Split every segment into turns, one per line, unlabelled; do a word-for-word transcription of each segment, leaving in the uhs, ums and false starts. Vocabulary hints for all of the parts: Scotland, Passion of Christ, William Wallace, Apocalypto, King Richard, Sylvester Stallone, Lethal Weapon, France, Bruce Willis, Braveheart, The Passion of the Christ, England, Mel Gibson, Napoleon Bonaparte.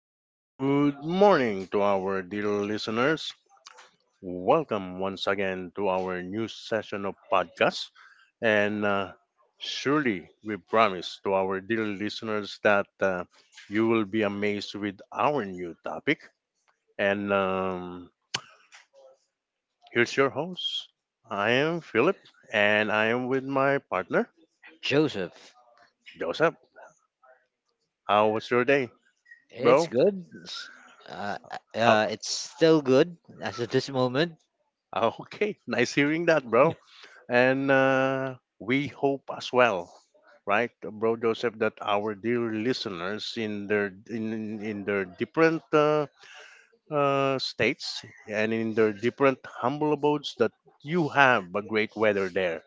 Good morning to our dear listeners. Welcome once again to our new session of podcast. And uh, surely we promise to our dear listeners that uh, you will be amazed with our new topic. And um, here's your host. I am Philip, and I am with my partner,
Joseph,
Joseph. How was your day,
it's
bro?
good. S- Uh,
How,
uh, it's still good as of this moment.
Okay, nice hearing that, bro. And uh, we hope as well, right, bro Joseph, that our dear listeners in their in in their different uh, uh, states and in their different humble abodes that you have a great weather there.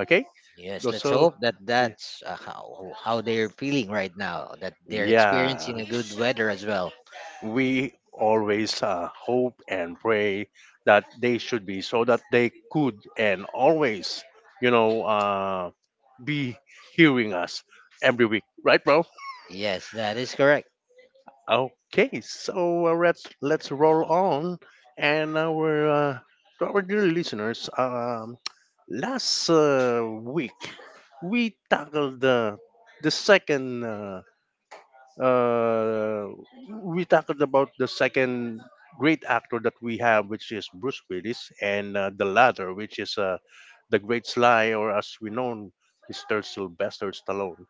Okay,
Yes, let's
so
hope that that's uh, how how they're feeling right now. That they're
yeah,
experiencing a good weather as well.
we always uh, hope and pray that they should be so that they could and always, you know. Uh, be hearing us every week, right, bro?
Yes, that is correct.
Okay, so uh, let's let's roll on, and our uh, to our dear listeners, um, last uh, week we tackled the the second. Uh, uh, we talked about the second great actor that we have, which is Bruce Willis, and uh, the latter, which is uh, the great Sly, or as we know, Mister Sylvester Stallone.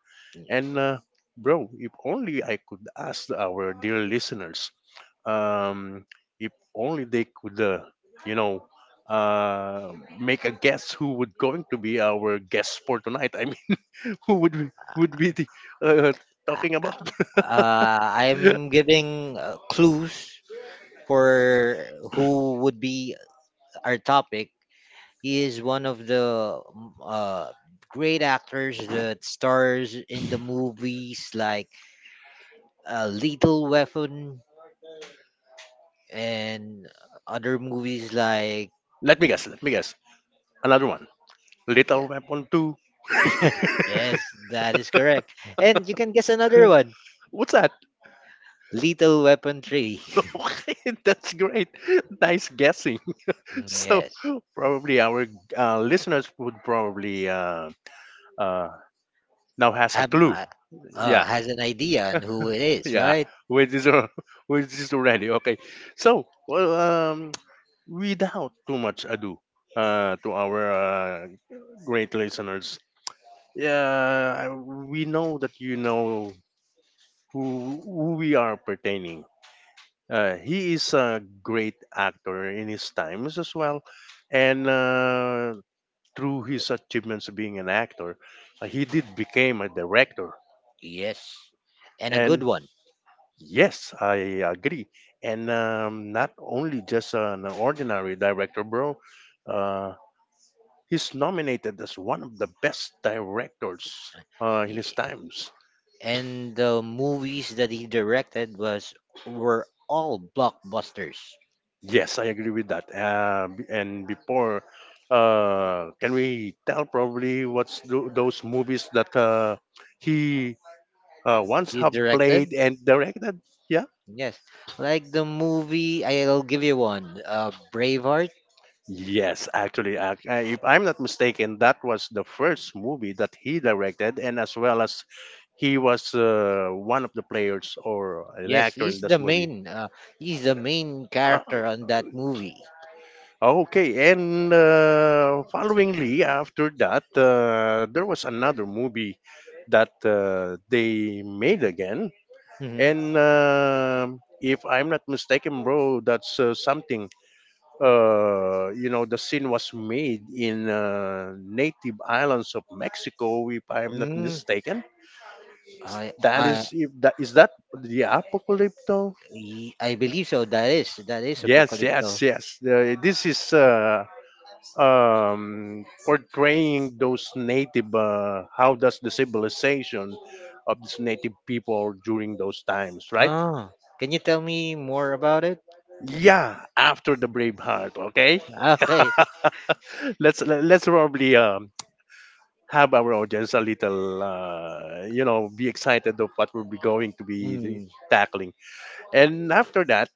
And uh, bro, if only I could ask our dear listeners, um, if only they could, uh, you know, uh, make a guess who would going to be our guest for tonight. I mean, who would we- would be the, uh,
I,
talking about?
uh, I'm giving uh, clues for who would be our topic. He is one of the mm, uh, great actors that stars in the movies like uh, Lethal Weapon and other movies like
Let me guess. Let me guess. Another one.
yeah.
Little Weapon two.
Yes, that is correct. And you can guess another one.
What's that?
Lethal Weapon three.
Okay, that's great. Nice guessing.
Mm,
So
yes.
probably our uh, listeners would probably uh, uh, now has a
Have uh,
clue.
uh, yeah. uh,
Yeah,
has an idea on who it is,
yeah.
right?
Which is al- which is already okay. So well, um, without too much ado, uh, to our uh, great listeners. Yeah, I- we know that you know who, who we are pertaining. Uh, he is a great actor in his times as well, and uh, through his achievements being an actor, uh, he did became a director.
Yes. And a good
And
one.
yes, I agree. And um, not only just an ordinary director, bro. Uh, he's nominated as one of the best directors uh, in
Yeah.
his times.
And the movies that he directed was were all blockbusters.
Yes, I agree with that. Um, and before, uh, can we tell probably what's th- those movies that uh, he uh, once
You
have played
directed?
and directed? Yeah.
Yes, like the movie, I'll give you one. Uh, Braveheart.
Yes, actually, ac- uh, if I'm not mistaken, that was the first movie that he directed, and as well as he was uh, one of the players or an
Yes,
actor
he's
in
the
this movie.
main. Uh, he's the main
Uh,
character on that movie.
Okay, and uh, followingly after that, uh, there was another movie that uh, they made again.
Hmm
And um if I'm not mistaken, bro, that's uh, something. Uh, you know, the scene was made in uh, native islands of Mexico, if I'm not
Mm,
mistaken.
I,
That
I,
is, if that is that the Apocalypto?
ye- I believe so. That is that is
Yes,
Apocalypto.
yes, yes. Uh, this is uh, um, portraying those native uh, how does the civilization of these native people during those times, right?
Oh, can you tell me more about it?
Yeah, after the Braveheart. Okay,
Okay.
let's le- let's probably um, have our audience a little uh, you know be excited of what we'll be going to be
Mm,
tackling. And after that,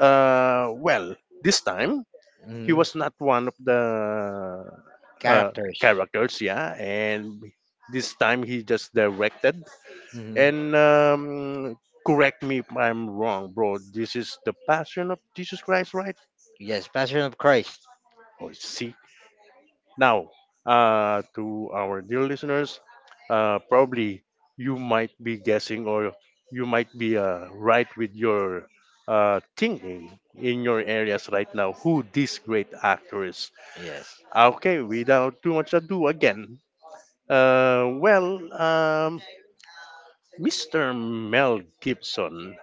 uh, well, this time he
mm,
was not one of the uh,
characters.
characters, yeah, and this time he just directed.
Hmm
And um, correct me if I'm wrong, bro, this is the Passion of Jesus Christ, right?
Yes, Passion of Christ.
Oh, see. Now, uh, to our dear listeners, uh, probably you might be guessing, or you might be uh, right with your uh, thinking in your areas right now who this great actor is.
Yes.
Okay, without too much ado again. Uh, well, um, Mister Mel Gibson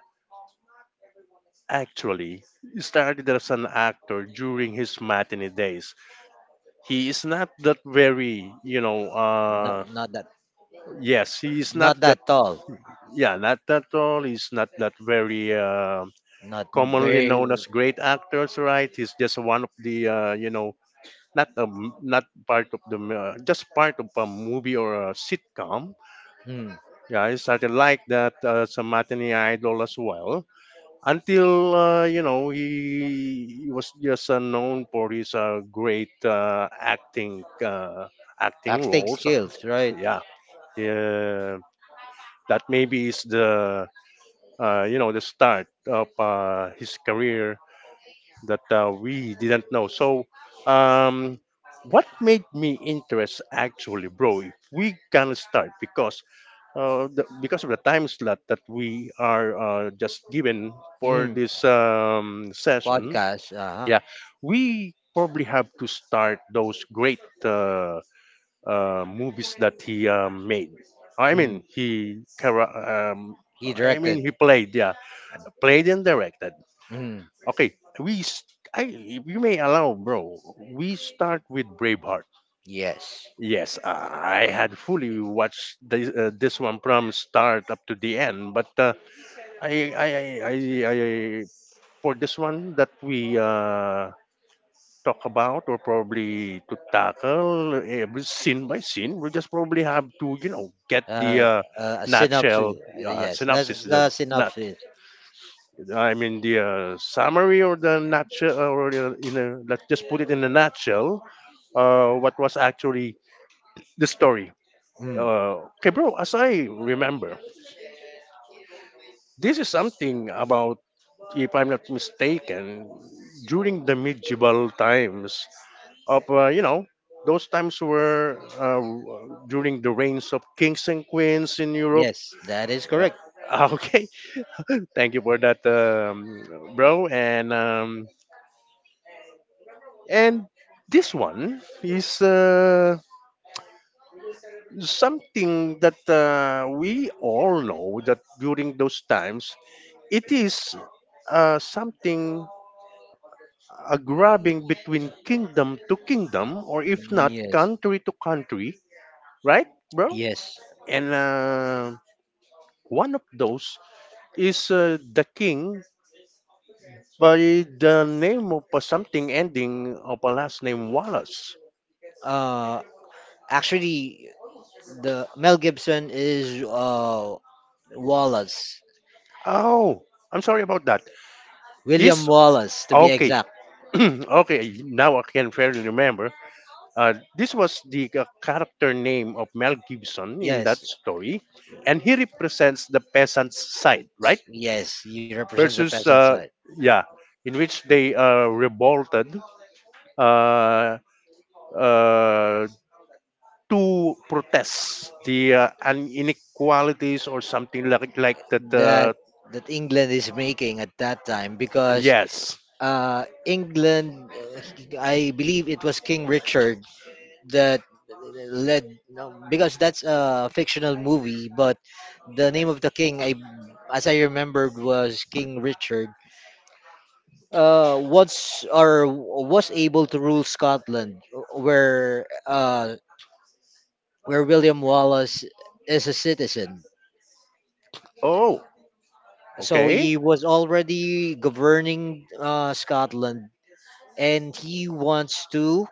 actually started as an actor during his matinee days. He is not that very, you know,
Not
uh,
not that.
yes, he is not
Not
that,
that tall.
yeah, not that all. He's not that very uh,
Not
commonly
very.
known as great actors, right? He's just one of the, uh, you know, not a, not part of the, uh, just part of a movie or a sitcom.
Hmm,
Yeah, I started like that uh, Samatini idol as well. Until uh, you know he he was just uh, known for his uh, great uh, acting uh, acting
acting
roles.
skills, right?
Yeah, yeah, that maybe is the uh, you know the start of uh, his career that uh, we didn't know. So, um, what made me interest actually, bro? If we can start because uh, the, because of the time slot that we are uh, just given for
hmm
this um, session,
Podcast. Uh huh.
yeah, we probably have to start those great uh, uh, movies that he um, made. I
hmm
mean, he chara- um,
He
I mean,
directed.
he played, yeah, played and directed.
Hmm
Okay, we. S I if you may allow, bro. We start with Braveheart.
Yes.
Yes, I had fully watched this, uh, this one from start up to the end, but uh, I I I I I- for this one that we uh, talk about or probably to tackle every scene by scene, we just probably have to you know get the
Uh,
uh,
uh, a
nutshell
synopsis.
uh,
Yes,
synopsis,
that's
the
the
not
synopsis.
I mean the uh, summary or the nutshell, uh, or uh, in a, let's just put it in a nutshell, uh, what was actually the story.
Hmm.
Uh, okay, bro. As I remember, this is something about, if I'm not mistaken, during the medieval times of, uh, you know, those times were uh, during the reigns of kings and queens in Europe.
Yes, that is correct.
Uh, okay, thank you for that, um, bro. And um, and this one is uh, something that uh, we all know that during those times it is uh, something a grabbing between kingdom to kingdom, or if
Hmm,
not,
Yes.
country to country, right, bro?
Yes.
And uh, one of those is uh, the king by the name of uh, something ending of a last name Wallace.
Uh, actually, the Mel Gibson is uh, Wallace,
Oh, I'm sorry about that.
William
He's
Wallace to be
okay.
exact.
Okay, now I can fairly remember. Uh, this was the uh, character name of Mel Gibson in that
Yes,
story, and he represents the peasant's side, right?
yes, he represents the
Versus
peasant
uh,
side.
yeah, in which they uh, revolted uh, uh, to protest the uh, un- inequalities or something like like that.
That
Uh,
that England is making at that time because
yes.
uh, England, uh, I believe it was King Richard that led no, because that's a fictional movie, but the name of the king, I as I remembered, was King Richard. uh, was or was able to rule Scotland, where uh, where William Wallace is a citizen.
Oh.
So he
Okay.
was already governing uh, Scotland, and he wants to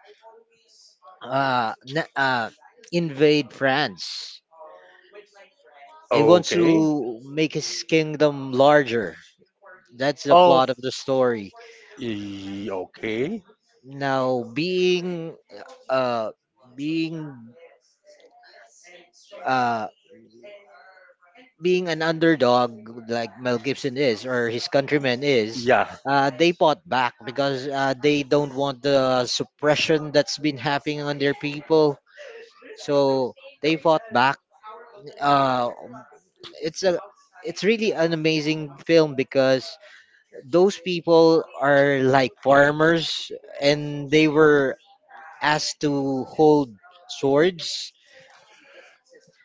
uh, na- uh, invade France. He wants
Okay.
to make his kingdom larger. That's the
Oh.
plot of the story.
e- Okay.
Now, being uh, being uh, being an underdog like Mel Gibson is or his countrymen is,
Yeah.
uh, they fought back because uh, they don't want the suppression that's been happening on their people. So they fought back. Uh, it's a it's really an amazing film because those people are like farmers and they were asked to hold swords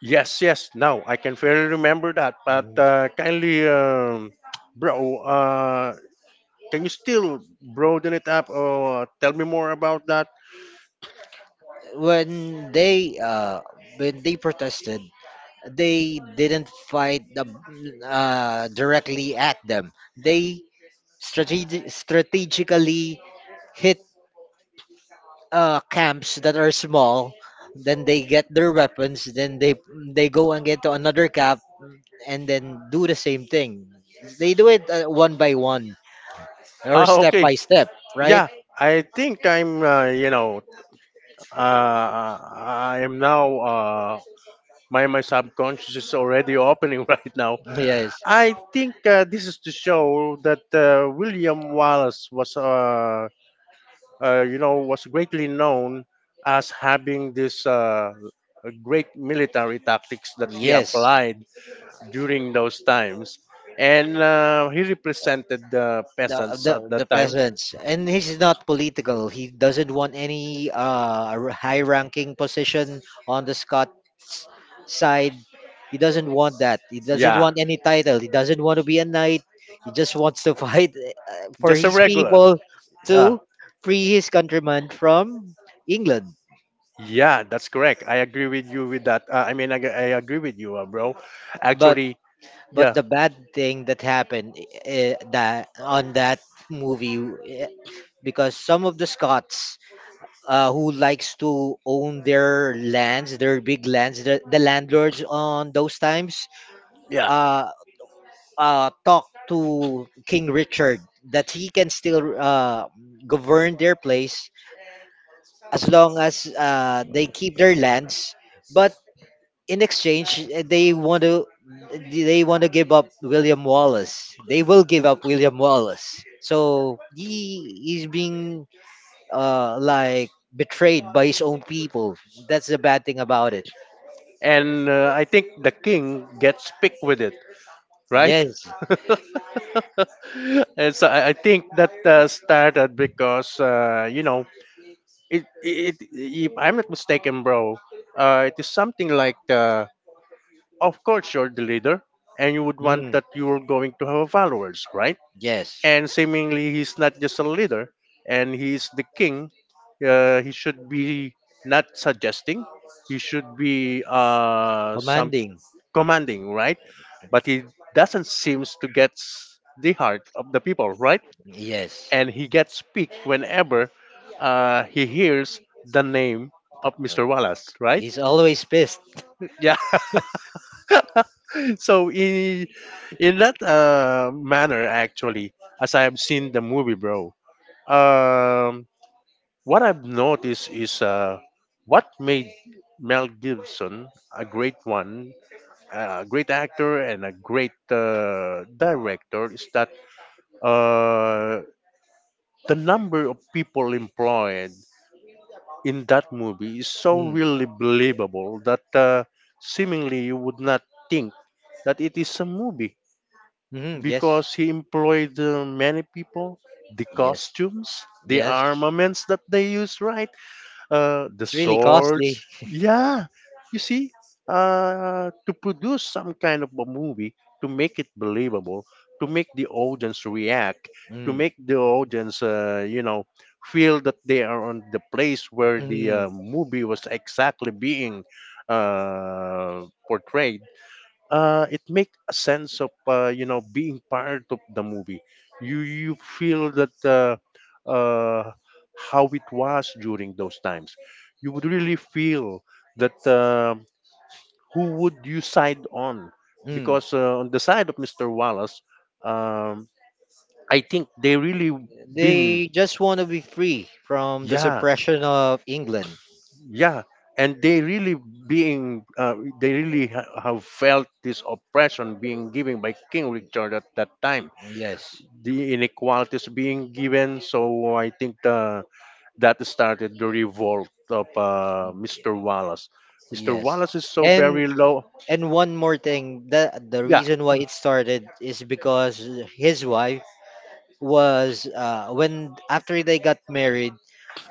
Yes, yes. Now I can fairly remember that. But uh, kindly, um, bro, uh, can you still broaden it up or tell me more about that?
when they uh when they protested they didn't fight the, uh, directly at them. They strategi- strategically hit uh, camps that are small. Then they get their weapons. Then they they go and get to another camp and then do the same thing. They do it uh, one by one or
Ah,
step
okay.
by step, right?
Yeah, I think I'm. Uh, you know, uh, I am now. Uh, my my subconscious is already opening right now.
Yes.
I think uh, this is to show that uh, William Wallace was. Uh, uh, you know, was greatly known as having this uh, great military tactics that he
Yes.
applied during those times. And uh, he represented the
the
peasants
the
at that
the
time.
peasants, and he's not political. He doesn't want any uh high ranking position on the Scots side. He doesn't want that. He doesn't
Yeah,
want any title. He doesn't want to be a knight. He just wants to fight uh, for
just a
his
regular.
people,
Yeah,
to free his countrymen from England.
yeah, that's correct. I agree with you with that. Uh, I mean, I, I agree with you, uh, bro.
but
Actually,
but
yeah,
the bad thing that happened uh, that on that movie uh, because some of the Scots uh, who likes to own their lands, their big lands, the, the landlords on those times,
yeah.
uh, uh, talk to King Richard that he can still uh, govern their place as long as uh, they keep their lands. But in exchange, uh, they want to they want to give up William Wallace. They will give up William Wallace. So he is being uh, like betrayed by his own people. That's the bad thing about it.
And uh, I think the king gets picked with it, right?
Yes.
And so I I think that uh, started because uh, you know it, it, if I'm not mistaken, bro, uh, it is something like uh, of course you're the leader, and you would want
Mm,
that you're going to have followers, right?
yes.
And seemingly he's not just a leader, and he's the king. Uh, he should be not suggesting. He should be uh, some
Commanding.
commanding, right? But he doesn't seem to get the heart of the people, right?
Yes.
And he gets piqued whenever uh, he hears the name of
Uh,
Mister Wallace, right?
he's always pissed.
Yeah. So in in that uh, manner, actually, as I have seen the movie, bro, um, what I've noticed is uh, what made Mel Gibson a great one, a great actor, and a great uh, director is that uh, the number of people employed in that movie is so
Mm,
really believable that uh, seemingly you would not think that it is a movie
mhm,
because
yes.
he employed uh, many people, the
Yes.
costumes, the
Yes.
armaments that they use, right? Uh, the
It's really costly.
swords. Yeah, you see, uh, to produce some kind of a movie, to make it believable, to make the audience react, to
Mm,
make the audience, uh, you know, feel that they are on the place where the
mm,
uh, movie was exactly being uh, portrayed uh, it make a sense of uh, you know being part of the movie. You you feel that uh, uh, how it was during those times. You would really feel that uh, who would you side on
mm.
because uh, on the side of Mister Wallace, um, I think they really been,
They just want to be free from the
yeah,
suppression of England.
yeah, and they really being uh, they really ha- have felt this oppression being given by King Richard at that time,
Yes.
the inequalities being given. So I think uh, that started the revolt of uh, Mister Wallace. Mister
Yes.
Wallace is so
And
very low.
and one more thing, the the
Yeah,
reason why it started is because his wife was uh when after they got married,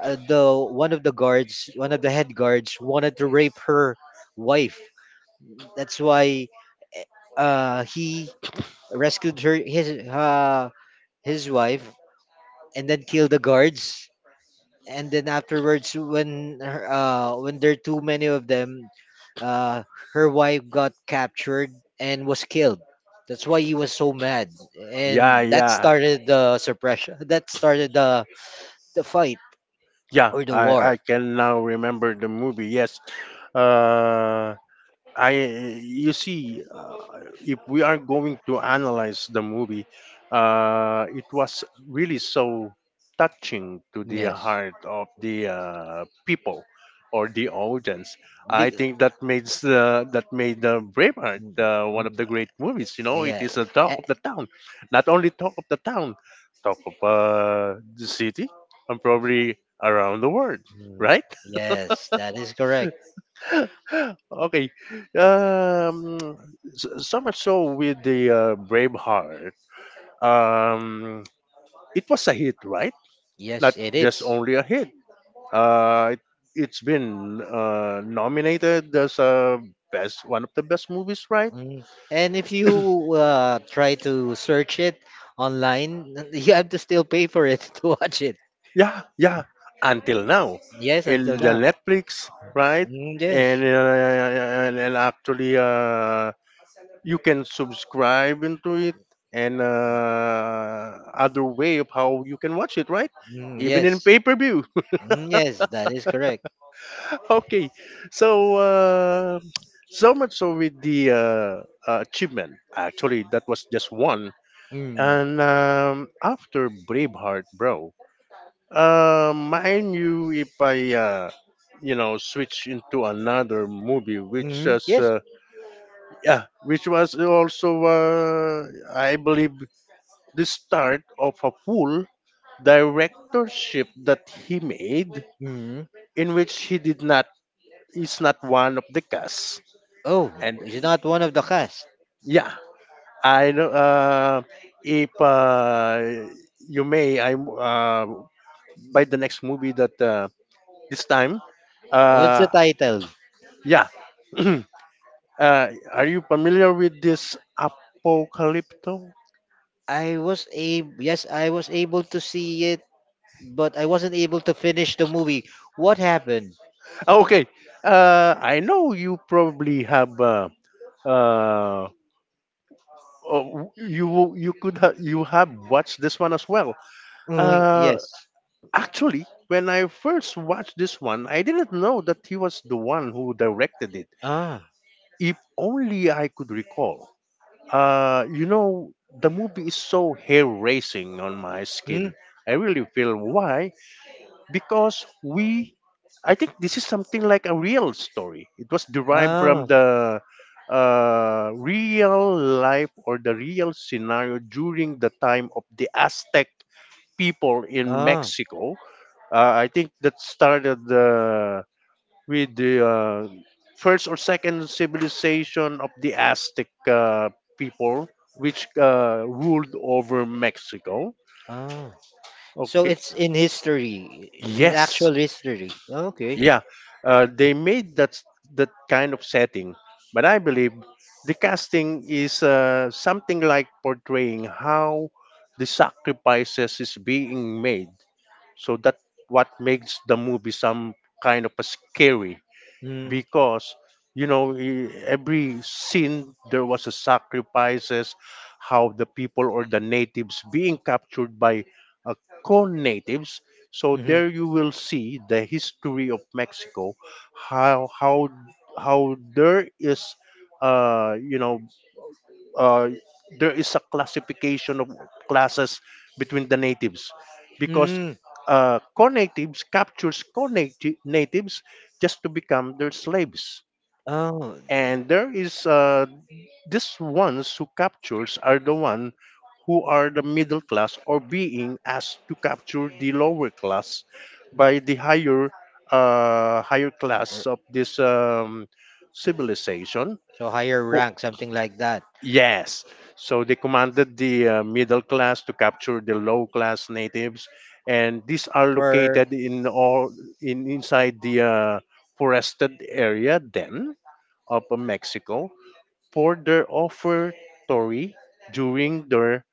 uh, the one of the guards, one of the head guards wanted to rape her wife. That's why uh he rescued her his uh his wife and then kill the guards, and then afterwards when her- uh when there are too many of them, uh, her wife got captured and was killed. That's why he was so mad,
yeah,
and that
yeah.
started the suppression. That started the the fight
Yeah,
or the
I,
war.
I can now remember the movie. Yes. Uh, I you see, uh, if we are going to analyze the movie, uh, it was really so touching to the
Yes.
heart of the uh, people or the audience. I
Big,
think that made uh, that made the Braveheart uh, one of the great movies. You know, it
yeah.
is a talk
Eh,
of the town, not only talk of the town, talk of uh, the city, and probably around the world,
mm,
right?
yes, that is correct.
Okay. Um, so, so much so with the uh, Braveheart, um, it was a hit, right? Not
Yes, it
just
is.
only a hit. Uh, it, it's been uh, nominated as a best, one of the best movies, right?
Mm. And if you uh, try to search it online, you have to still pay for it to watch it.
Yeah, yeah. Until now,
Yes, until
in the
now.
Netflix, right?
Mm, yes.
And uh, and, and actually, uh, you can subscribe into it and uh, other way of how you can watch it, right,
Mm,
even in
yes.
pay-per-view.
Mm, yes, that is correct.
Okay, so uh, so much so with the uh, uh, achievement, actually, that was just one.
Mm.
And um, after Braveheart, bro, uh, mind you, if i uh, you know, switch into another movie which
Mm,
was
yes.
uh, yeah, which was also uh, I believe the start of a full directorship that he made
Mm.
in which he did not is not one of the cast.
Oh,
And
he's not one of the cast.
yeah, I know, uh, if uh, you may, i uh, by the next movie that uh, this time
What's the
uh,
title?
yeah. Uh, are you familiar with this Apocalypto?
I was able. Yes, I was able to see it, but I wasn't able to finish the movie. What happened?
Ah, okay, uh, I know you probably have uh, uh, uh, you you could ha- you have watched this one as well.
Mm,
Uh,
yes.
Actually, when I first watched this one, I didn't know that he was the one who directed it.
Ah.
If only I could recall. Uh, you know, the movie is so hair raising on my
Hmm.
skin. I really feel why, because we I think this is something like a real story. It was derived from
Ah.
the uh, real life or the real scenario during the time of the Aztec people in
Ah.
Mexico. uh, I think that started uh, with the uh, first or second civilization of the Aztec uh, people, which uh, ruled over Mexico.
Ah. So
Okay.
it's in history. It's in
Yes.
actual history. Okay.
Yeah, uh, they made that s- that kind of setting, but I believe the casting is uh, something like portraying how the sacrifices is being made. So that what makes the movie some kind of a scary,
Hmm.
because you know, e- every scene there was a sacrifices, how the people or the natives being captured by uh, co-natives. So
Mm-hmm.
there you will see the history of Mexico, how how how there is uh you know uh, there is a classification of classes between the natives, because
Mm.
uh, co-natives captures co-natives just to become their slaves.
Oh,
And there is uh, this ones who captures are the one who are the middle class or being asked to capture the lower class by the higher uh, higher class
er,
of this um, civilization.
so higher rank, something like that.
Yes. So they commanded the uh, middle class to capture the low class natives, and these are
For
located in all in inside the uh, forested area then of uh, Mexico for their offertory during their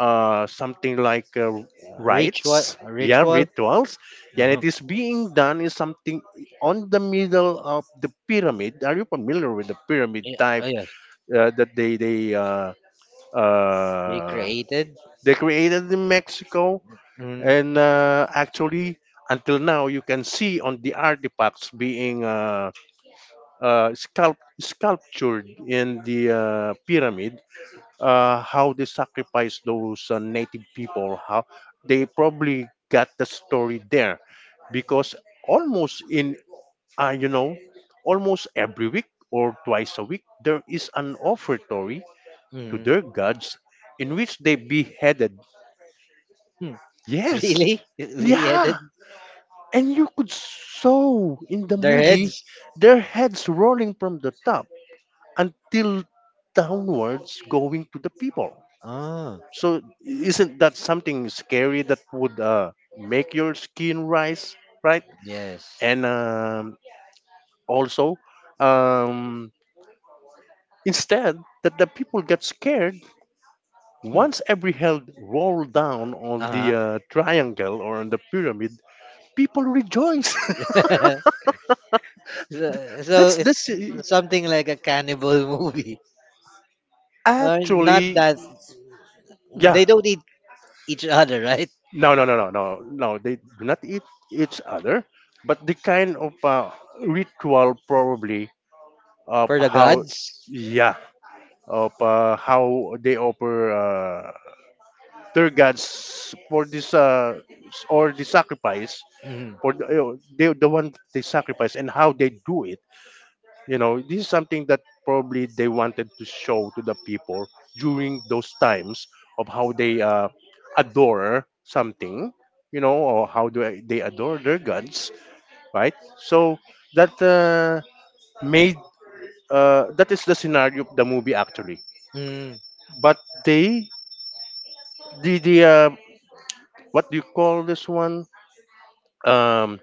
uh, something like uh,
uh, ritual,
rites. Yeah,
ritual.
rituals. And
Uh-huh.
it is being done is something on the middle of the pyramid. Are you familiar with the pyramid
Yeah,
type
oh yes,
uh, that they they uh,
they
uh,
created.
they created in Mexico,
Mm.
and uh, actually, until now, you can see on the artifacts being uh, uh, sculpt- sculptured in the uh, pyramid uh, how they sacrificed those uh, native people, how they probably got the story there, because almost in uh, you know almost every week or twice a week there is an offertory to
Mm.
their gods in which they beheaded.
Hmm.
Yes.
Really? We
Yeah.
added
And you could saw in the
their
movie
heads.
their heads rolling from the top until downwards going to the people.
Oh,
So isn't that something scary that would uh, make your skin rise, right?
yes.
And um, also, um, instead that the people get scared, once every hell rolled down on the
Uh
uh, triangle or on the pyramid, people rejoice.
huh. So, so
that's that's
it's something like a cannibal movie. Or
actually,
not that
yeah.
they don't eat each other, right?
No, no, no, no, no, no. They do not eat each other, but the kind of uh, ritual probably of
For the
how,
gods.
yeah, of uh, how they offer uh, their gods for this uh, s- or the sacrifice
Mm.
for the, uh, the the one they sacrifice and how they do it. You know, this is something that probably they wanted to show to the people during those times of how they uh, adore something, you know, or how do I- they adore their gods, right? So that uh, made uh, that is the scenario of the movie, actually.
Mm.
But they the the uh, what do you call this one? Um,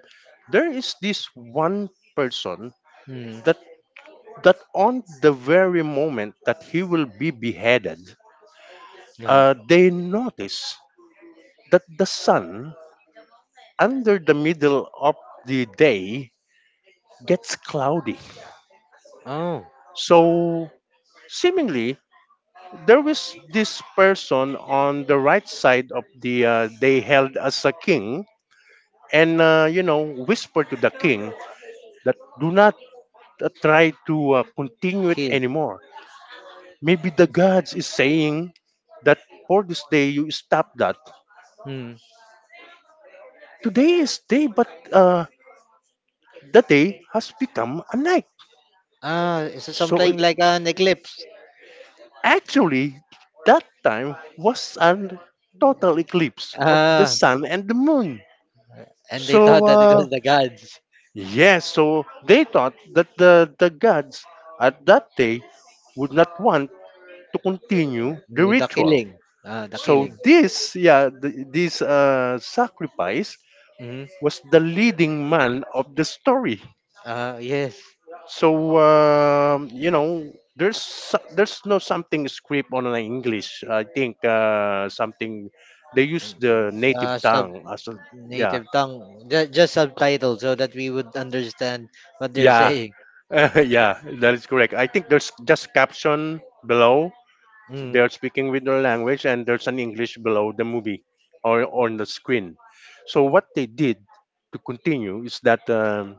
there is this one person
Mm.
that that on the very moment that he will be beheaded,
Yeah.
uh, they notice that the sun under the middle of the day gets cloudy.
Oh,
So, seemingly, there was this person on the right side of the uh, they held as a king, and uh, you know, whisper to the king that do not uh, try to uh, continue it
kill.
anymore, maybe the gods is saying that for this day you stop that.
Mm.
Today is day, but uh, the day has become a night.
Ah, is it
So
something
it-
like an eclipse?
Actually, that time was a total eclipse of the
Ah,
sun and the moon.
and they
So
thought that it
uh,
was the gods.
yes, so they thought that the, the gods at that day would not want to continue the
Mm, the
ritual.
killing. Ah, the
So
killing.
this, yeah, th- this uh, sacrifice
Mm.
was the leading man of the story.
Ah, yes.
So um, you know, there's so- there's no something script on an English. I think uh, something they use the native
Uh, sub
tongue as a, yeah,
Native tongue. Ju- Just subtitles so that we would understand what they're
yeah.
saying.
Yeah, that is correct. I think there's just caption below.
Mm.
They're speaking with their language, and there's an English below the movie or on the screen. So what they did to continue is that um,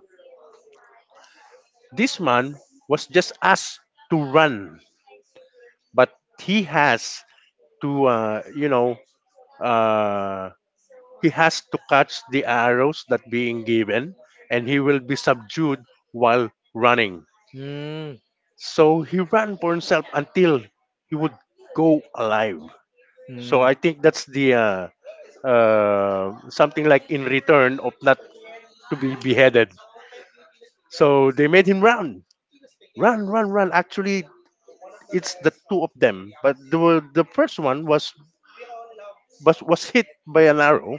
this man was just asked to run, but he has to uh, you know uh, he has to catch the arrows that being given, and he will be subdued while running.
Mm.
So he ran for himself until he would go alive. So
Mm.
I think that's the uh, uh, something like in return of not to be beheaded, so they made him run, run, run. Run, actually, it's the two of them, but the, the first one was, was was hit by an arrow.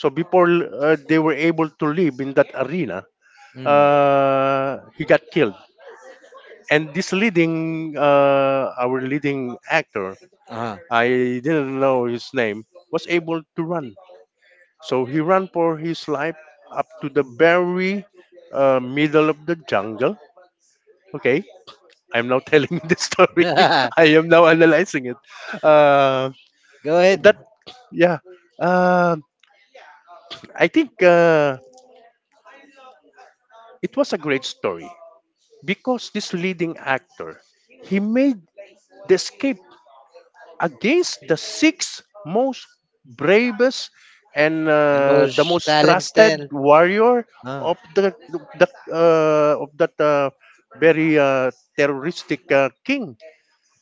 So before uh, they were able to live in that arena,
Mm.
uh, he got killed. And this leading, uh, our leading actor,
Uh-huh.
I didn't know his name, was able to run. So he ran for his life up to the very uh, middle of the jungle. Okay, I'm now telling you the story. I am now analyzing it. Uh,
Go ahead.
that yeah, uh, I think uh, it was a great story, because this leading actor, he made the escape against the six most bravest and
And
uh, the
most
most trusted
talented.
warrior
Uh,
of the, the uh, of that uh, very uh, terroristic uh, king,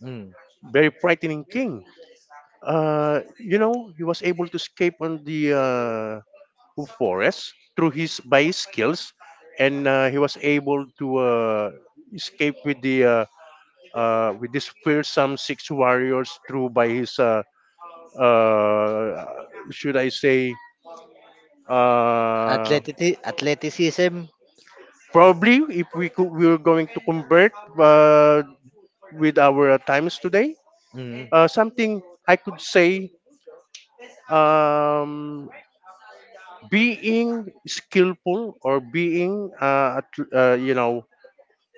mm.
very frightening king. Uh, you know, he was able to escape on the uh, forest through his by his skills, and uh, he was able to uh, escape with the uh, uh, we dispersed some six warriors through by his, uh, uh, should I say, uh,
Athleti- athleticism.
probably if we could, we were going to convert uh, with our uh, times today,
Mm.
uh, something I could say, um, being skillful or being, uh, at- uh, you know,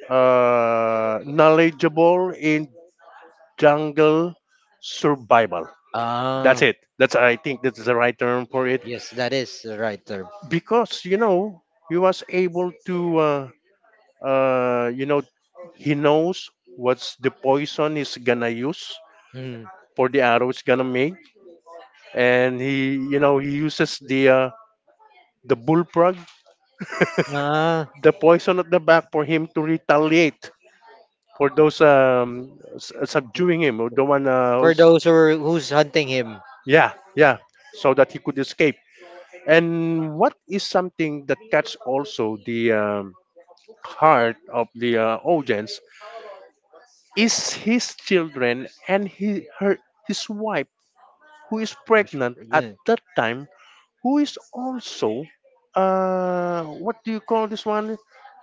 uh, knowledgeable in jungle survival.
Ah,
That's it. That's, I think that's the right term for it.
yes, that is the right term.
Because you know, he was able to uh, uh, you know, he knows what's the poison he's gonna use
Mm.
for the arrow he's gonna make, and he you know he uses the uh, the bullfrog,
Ah,
the poison at the back for him to retaliate for those um, s- subduing him or the one uh,
for
who's,
those who are, who's hunting him.
yeah, yeah, so that he could escape. And what is something that catch also the um, heart of the uh, audience is his children and he, her, his wife who is pregnant at
Yeah,
that time, who is also uh, what do you call this one,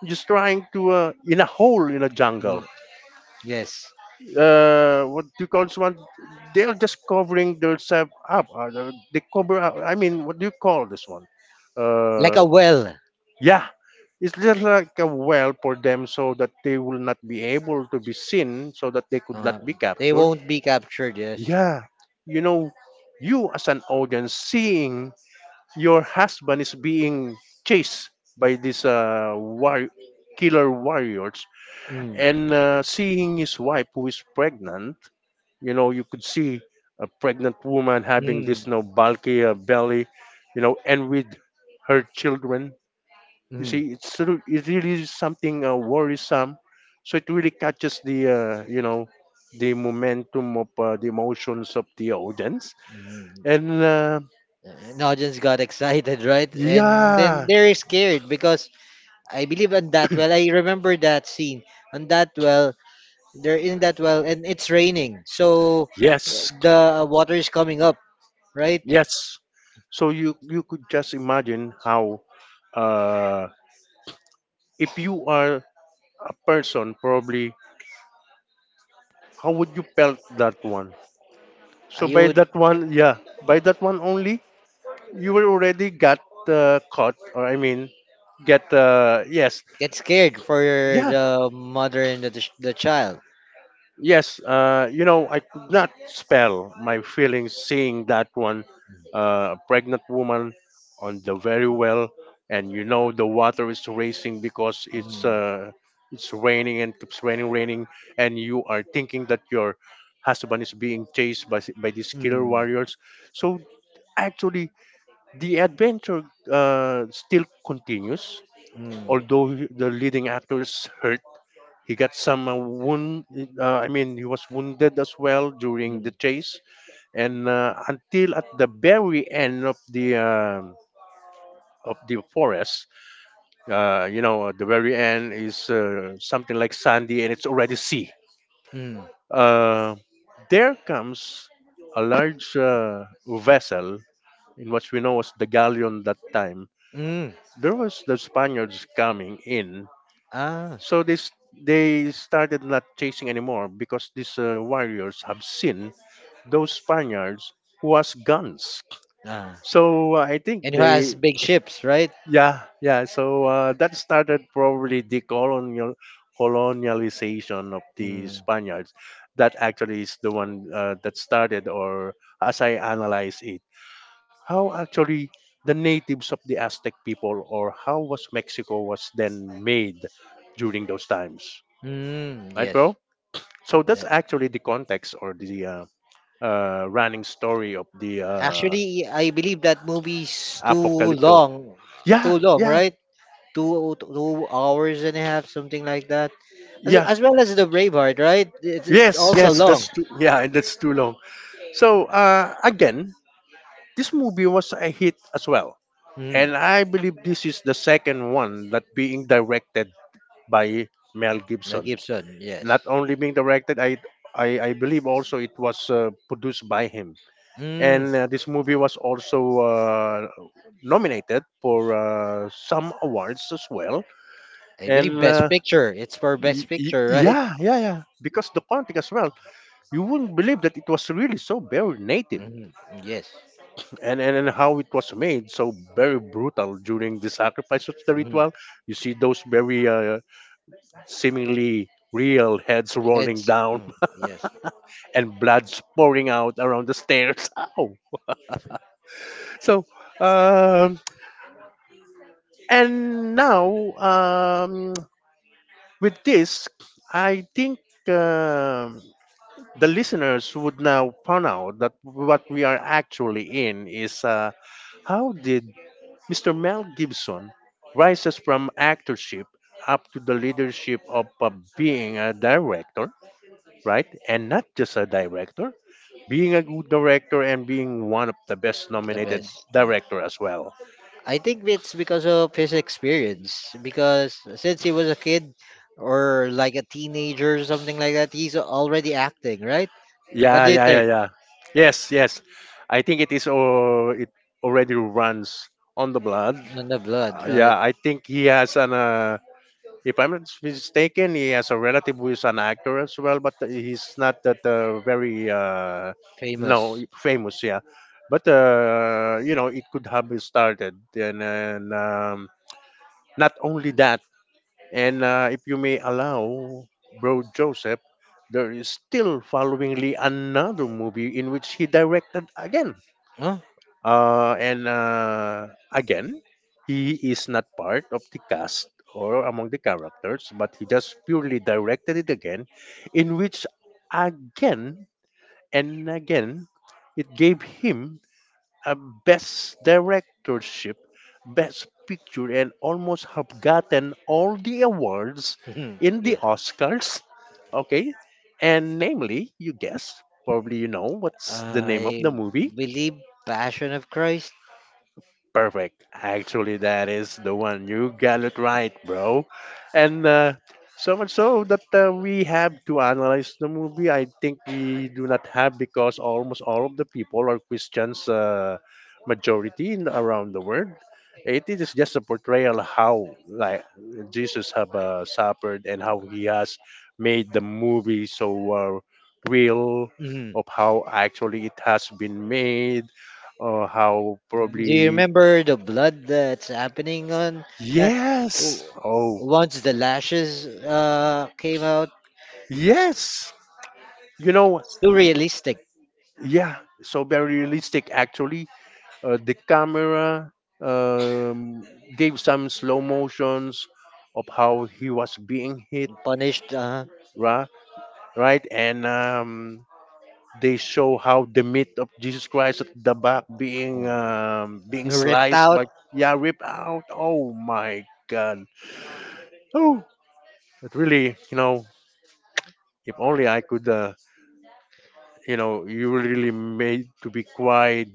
just trying to uh, in a hole in a jungle,
yes,
uh, what do you call this one, they're just covering themselves up, uh, they they cover up, I mean, what do you call this one,
like
uh,
a well.
yeah, it's just like a well for them, so that they will not be able to be seen, so that they could not
Uh,
be
they
captured.
won't be captured. Yes.
Yeah, you know, you as an audience seeing your husband is being chased by these uh, war- killer warriors,
Mm,
and uh, seeing his wife who is pregnant, you know, you could see a pregnant woman having this,
mm,
you know, bulky uh, belly, you know, and with her children.
mm,
You
mm.
see, it's sort of- it really is something uh, worrisome. So it really catches the uh, you know, the momentum of uh, the emotions of the audience and uh,
An audience got excited, right? And then
yeah,
they're scared because I believe on that well. I remember that scene on that well. They're in that well, and it's raining, so eh,
yes,
the water is coming up, right?
yes. So you you could just imagine how, uh, if you are a person, probably how would you felt that one.
Uh,
So
you
by
would
that one, yeah, by that one only, you were already got uh, caught, or I mean, get uh, yes,
get scared for your,
yeah.
the mother and the the child.
Yes, uh, you know, I could not spell my feelings seeing that one, uh, a pregnant woman on the very well, and you know the water is racing because
Mm.
it's
Mm.
uh, it's raining and keeps raining, raining, and you are thinking that your husband is being chased by by these killer
Mm.
warriors. So actually, the adventure uh, still continues. Although the leading actor is hurt, he got some uh, wound. uh, I mean, he was wounded as well during the
Mm.
chase. And uh, until at the very end of the um of the forest, uh, you know, at the very end is uh, something like sandy and it's already sea.
Mm.
uh, there comes a large uh, vessel, in what we know as the galleon that time.
Mm.
There was the Spaniards coming in.
Ah.
So this, they started not chasing anymore, because these uh, warriors have seen those Spaniards who has guns.
Ah.
So uh, I
And
think
who has
they,
big ships, right?
yeah, yeah. So uh, that started probably the colonial colonialization of the
Mm.
Spaniards. That actually is the one uh, that started, or as I analyze it, how actually the natives of the Aztec people, or how was Mexico was then made during those times,
Mm.
right,
Yes.
bro? So that's
Yeah.
actually the context or the uh, uh, running story of the uh,
Actually, I believe that movie's too
Apocalypto.
long.
Yeah,
Too long,
yeah,
right? Two two hours and a half, something like that. As,
yeah.
as well as the Braveheart, right? It's, it's
Yes,
also
yes,
long.
that's too, yeah, and that's too long. So uh, again, this movie was a hit as well,
Mm,
and I believe this is the second one that being directed by Mel
Mel
Gibson.
Gibson, yes.
Not only being directed, I I, I believe also it was uh, produced by him.
Mm,
And uh, this movie was also uh, nominated for uh, some awards as well.
I believe
And
Best
uh,
Picture. It's for Best
y- y-
Picture, right?
yeah yeah yeah because the content as well, you wouldn't believe that it was really so very native.
Mm, yes.
And, and and how it was made so very brutal during the sacrifice of the
Mm,
ritual. You see those very uh, seemingly real heads rolling
heads.
down
Mm, yes,
and blood pouring out around the stairs. Ow. So, um and now, um, with this, I think um the listeners would now find out that what we are actually in is uh, how did mister Mel Gibson rises from actorship up to the leadership of uh, being a director, right? And not just a director, being a good director and being one of the best
the
nominated
best. Yeah.
director as well.
I think it's because of his experience. Because since he was a kid or like a teenager or something like that, he's already acting, right? What
Yeah,
do you
yeah, yeah,
think?
yeah. Yes, yes. I think it is, or it already runs on the blood.
In the blood,
Uh,
right?
yeah, I think he has an uh, if I'm not mistaken, he has a relative who is an actor as well, but he's not that uh, very uh, no
Famous.
famous. Yeah, but uh, you know, it could have been started. And, and um, not only that, and uh, if you may allow, Bro Joseph, there is still followingly another movie in which he directed again.
Huh?
Uh, and uh, Again, he is not part of the cast or among the characters, but he just purely directed it again, in which again and again it gave him a best directorship, best picture, and almost have gotten all the awards in the
Yes.
Oscars. Okay, and namely, you guess, probably you know what's the name of the
I
movie.
believe Passion of Christ.
Perfect. Actually, that is the one. You got it right, bro. And uh, so much so that uh, we have to analyze the movie. I think we do not have, because almost all of the people are Christians, uh, majority in, around the world. It is just a portrayal how like Jesus have uh, suffered and how he has made the movie so uh, real,
Mhm.
of how actually it has been made or how
Do you
probably,
remember the blood that's happening on that?
yes,
W-
oh
Once the lashes uh, came out,
yes, you know,
too realistic.
yeah, so very realistic actually. Uh, the camera, um, gave some slow motions of how he was being hit,
Punished, uh,
right, right. And um, they show how the meat of Jesus Christ at the back being um, being
ripped
sliced,
out.
but yeah, ripped out. Oh my god. Oh. But really, you know, if only I could, uh, you know, you were really made to be quiet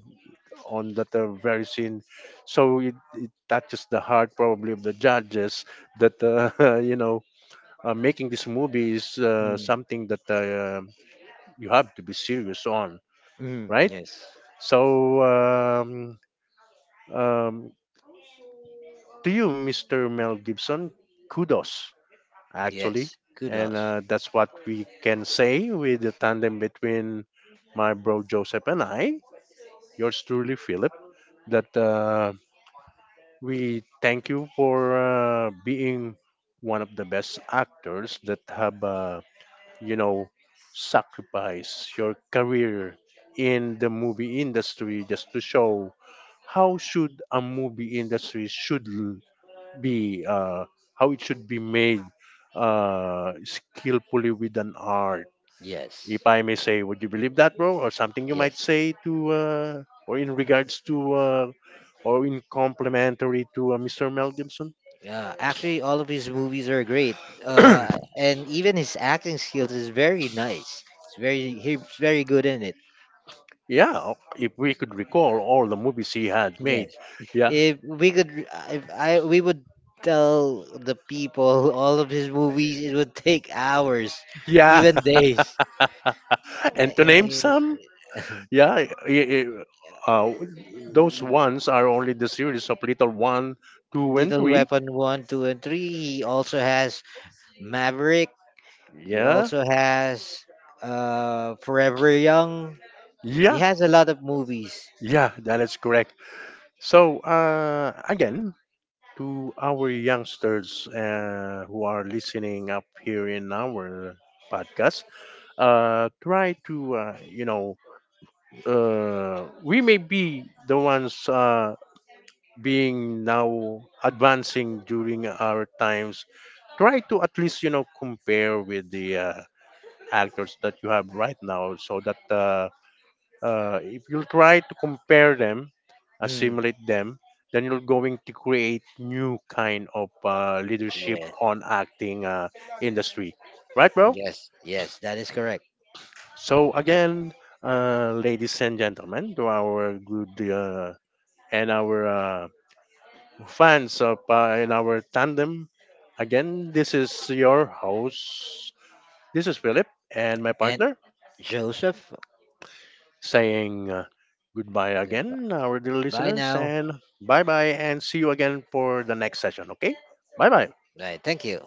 on that uh, very scene. So it, it touches the heart probably of the judges that, uh, you know, uh, making this movie is uh,
Mm.
something that uh, you have to be serious on,
Mm.
right?
Yes,
So, um, um, to you, mister Mel Gibson, kudos. Actually.
yes.
And
Kudos.
uh, that's what we can say with the tandem between my bro Joseph and I, yours truly, Philip, that uh, we thank you for uh, being one of the best actors that have, uh, you know, sacrificed your career in the movie industry just to show how should a movie industry should be uh, how it should be made, uh, skillfully with an art, if
Yes,
I may say. Would you believe that, bro? Or something you might
yes.
say to uh, or in regards to uh, or in complementary to uh, Mr. Mel Gibson?
Yeah, actually, all of his movies are great, uh, and even his acting skills is very nice. It's very He's very good in it.
Yeah. O- if we could recall all the movies he had
Yes,
made, yeah,
if we could, if I we would tell the people all of his movies, it would take hours,
yeah.
even days. Eh,
And to name some,
eh,
yeah, i- i- uh, those ones are only the series of Little one, two, and
Little
three.
Weapon one, two, and three. He also has Maverick. He
Yeah.
also has uh Forever Young. He
Yeah,
has a lot of movies.
yeah, that is correct. So, uh, again, to our youngsters uh, who are listening up here in our podcast, uh, try to, uh, you know, uh, we may be the ones uh, being now advancing during our times. Try to at least, you know, compare with the uh, actors that you have right now, so that uh, uh, if you'll try to compare them,
Mm,
assimilate them, then you're going to create new kind of uh, leadership
yeah.
on acting uh, industry, right, bro?
Yes, yes, that is correct.
So again, uh, ladies and gentlemen, to our good uh, and our uh, fans of uh, in our tandem, again, this is your host. This is Philip and my
And
partner.
Joseph,
Saying uh, goodbye again, our dear
bye
listeners,
now.
and bye bye, and see you again for the next session, okay? Bye bye.
Right, thank you.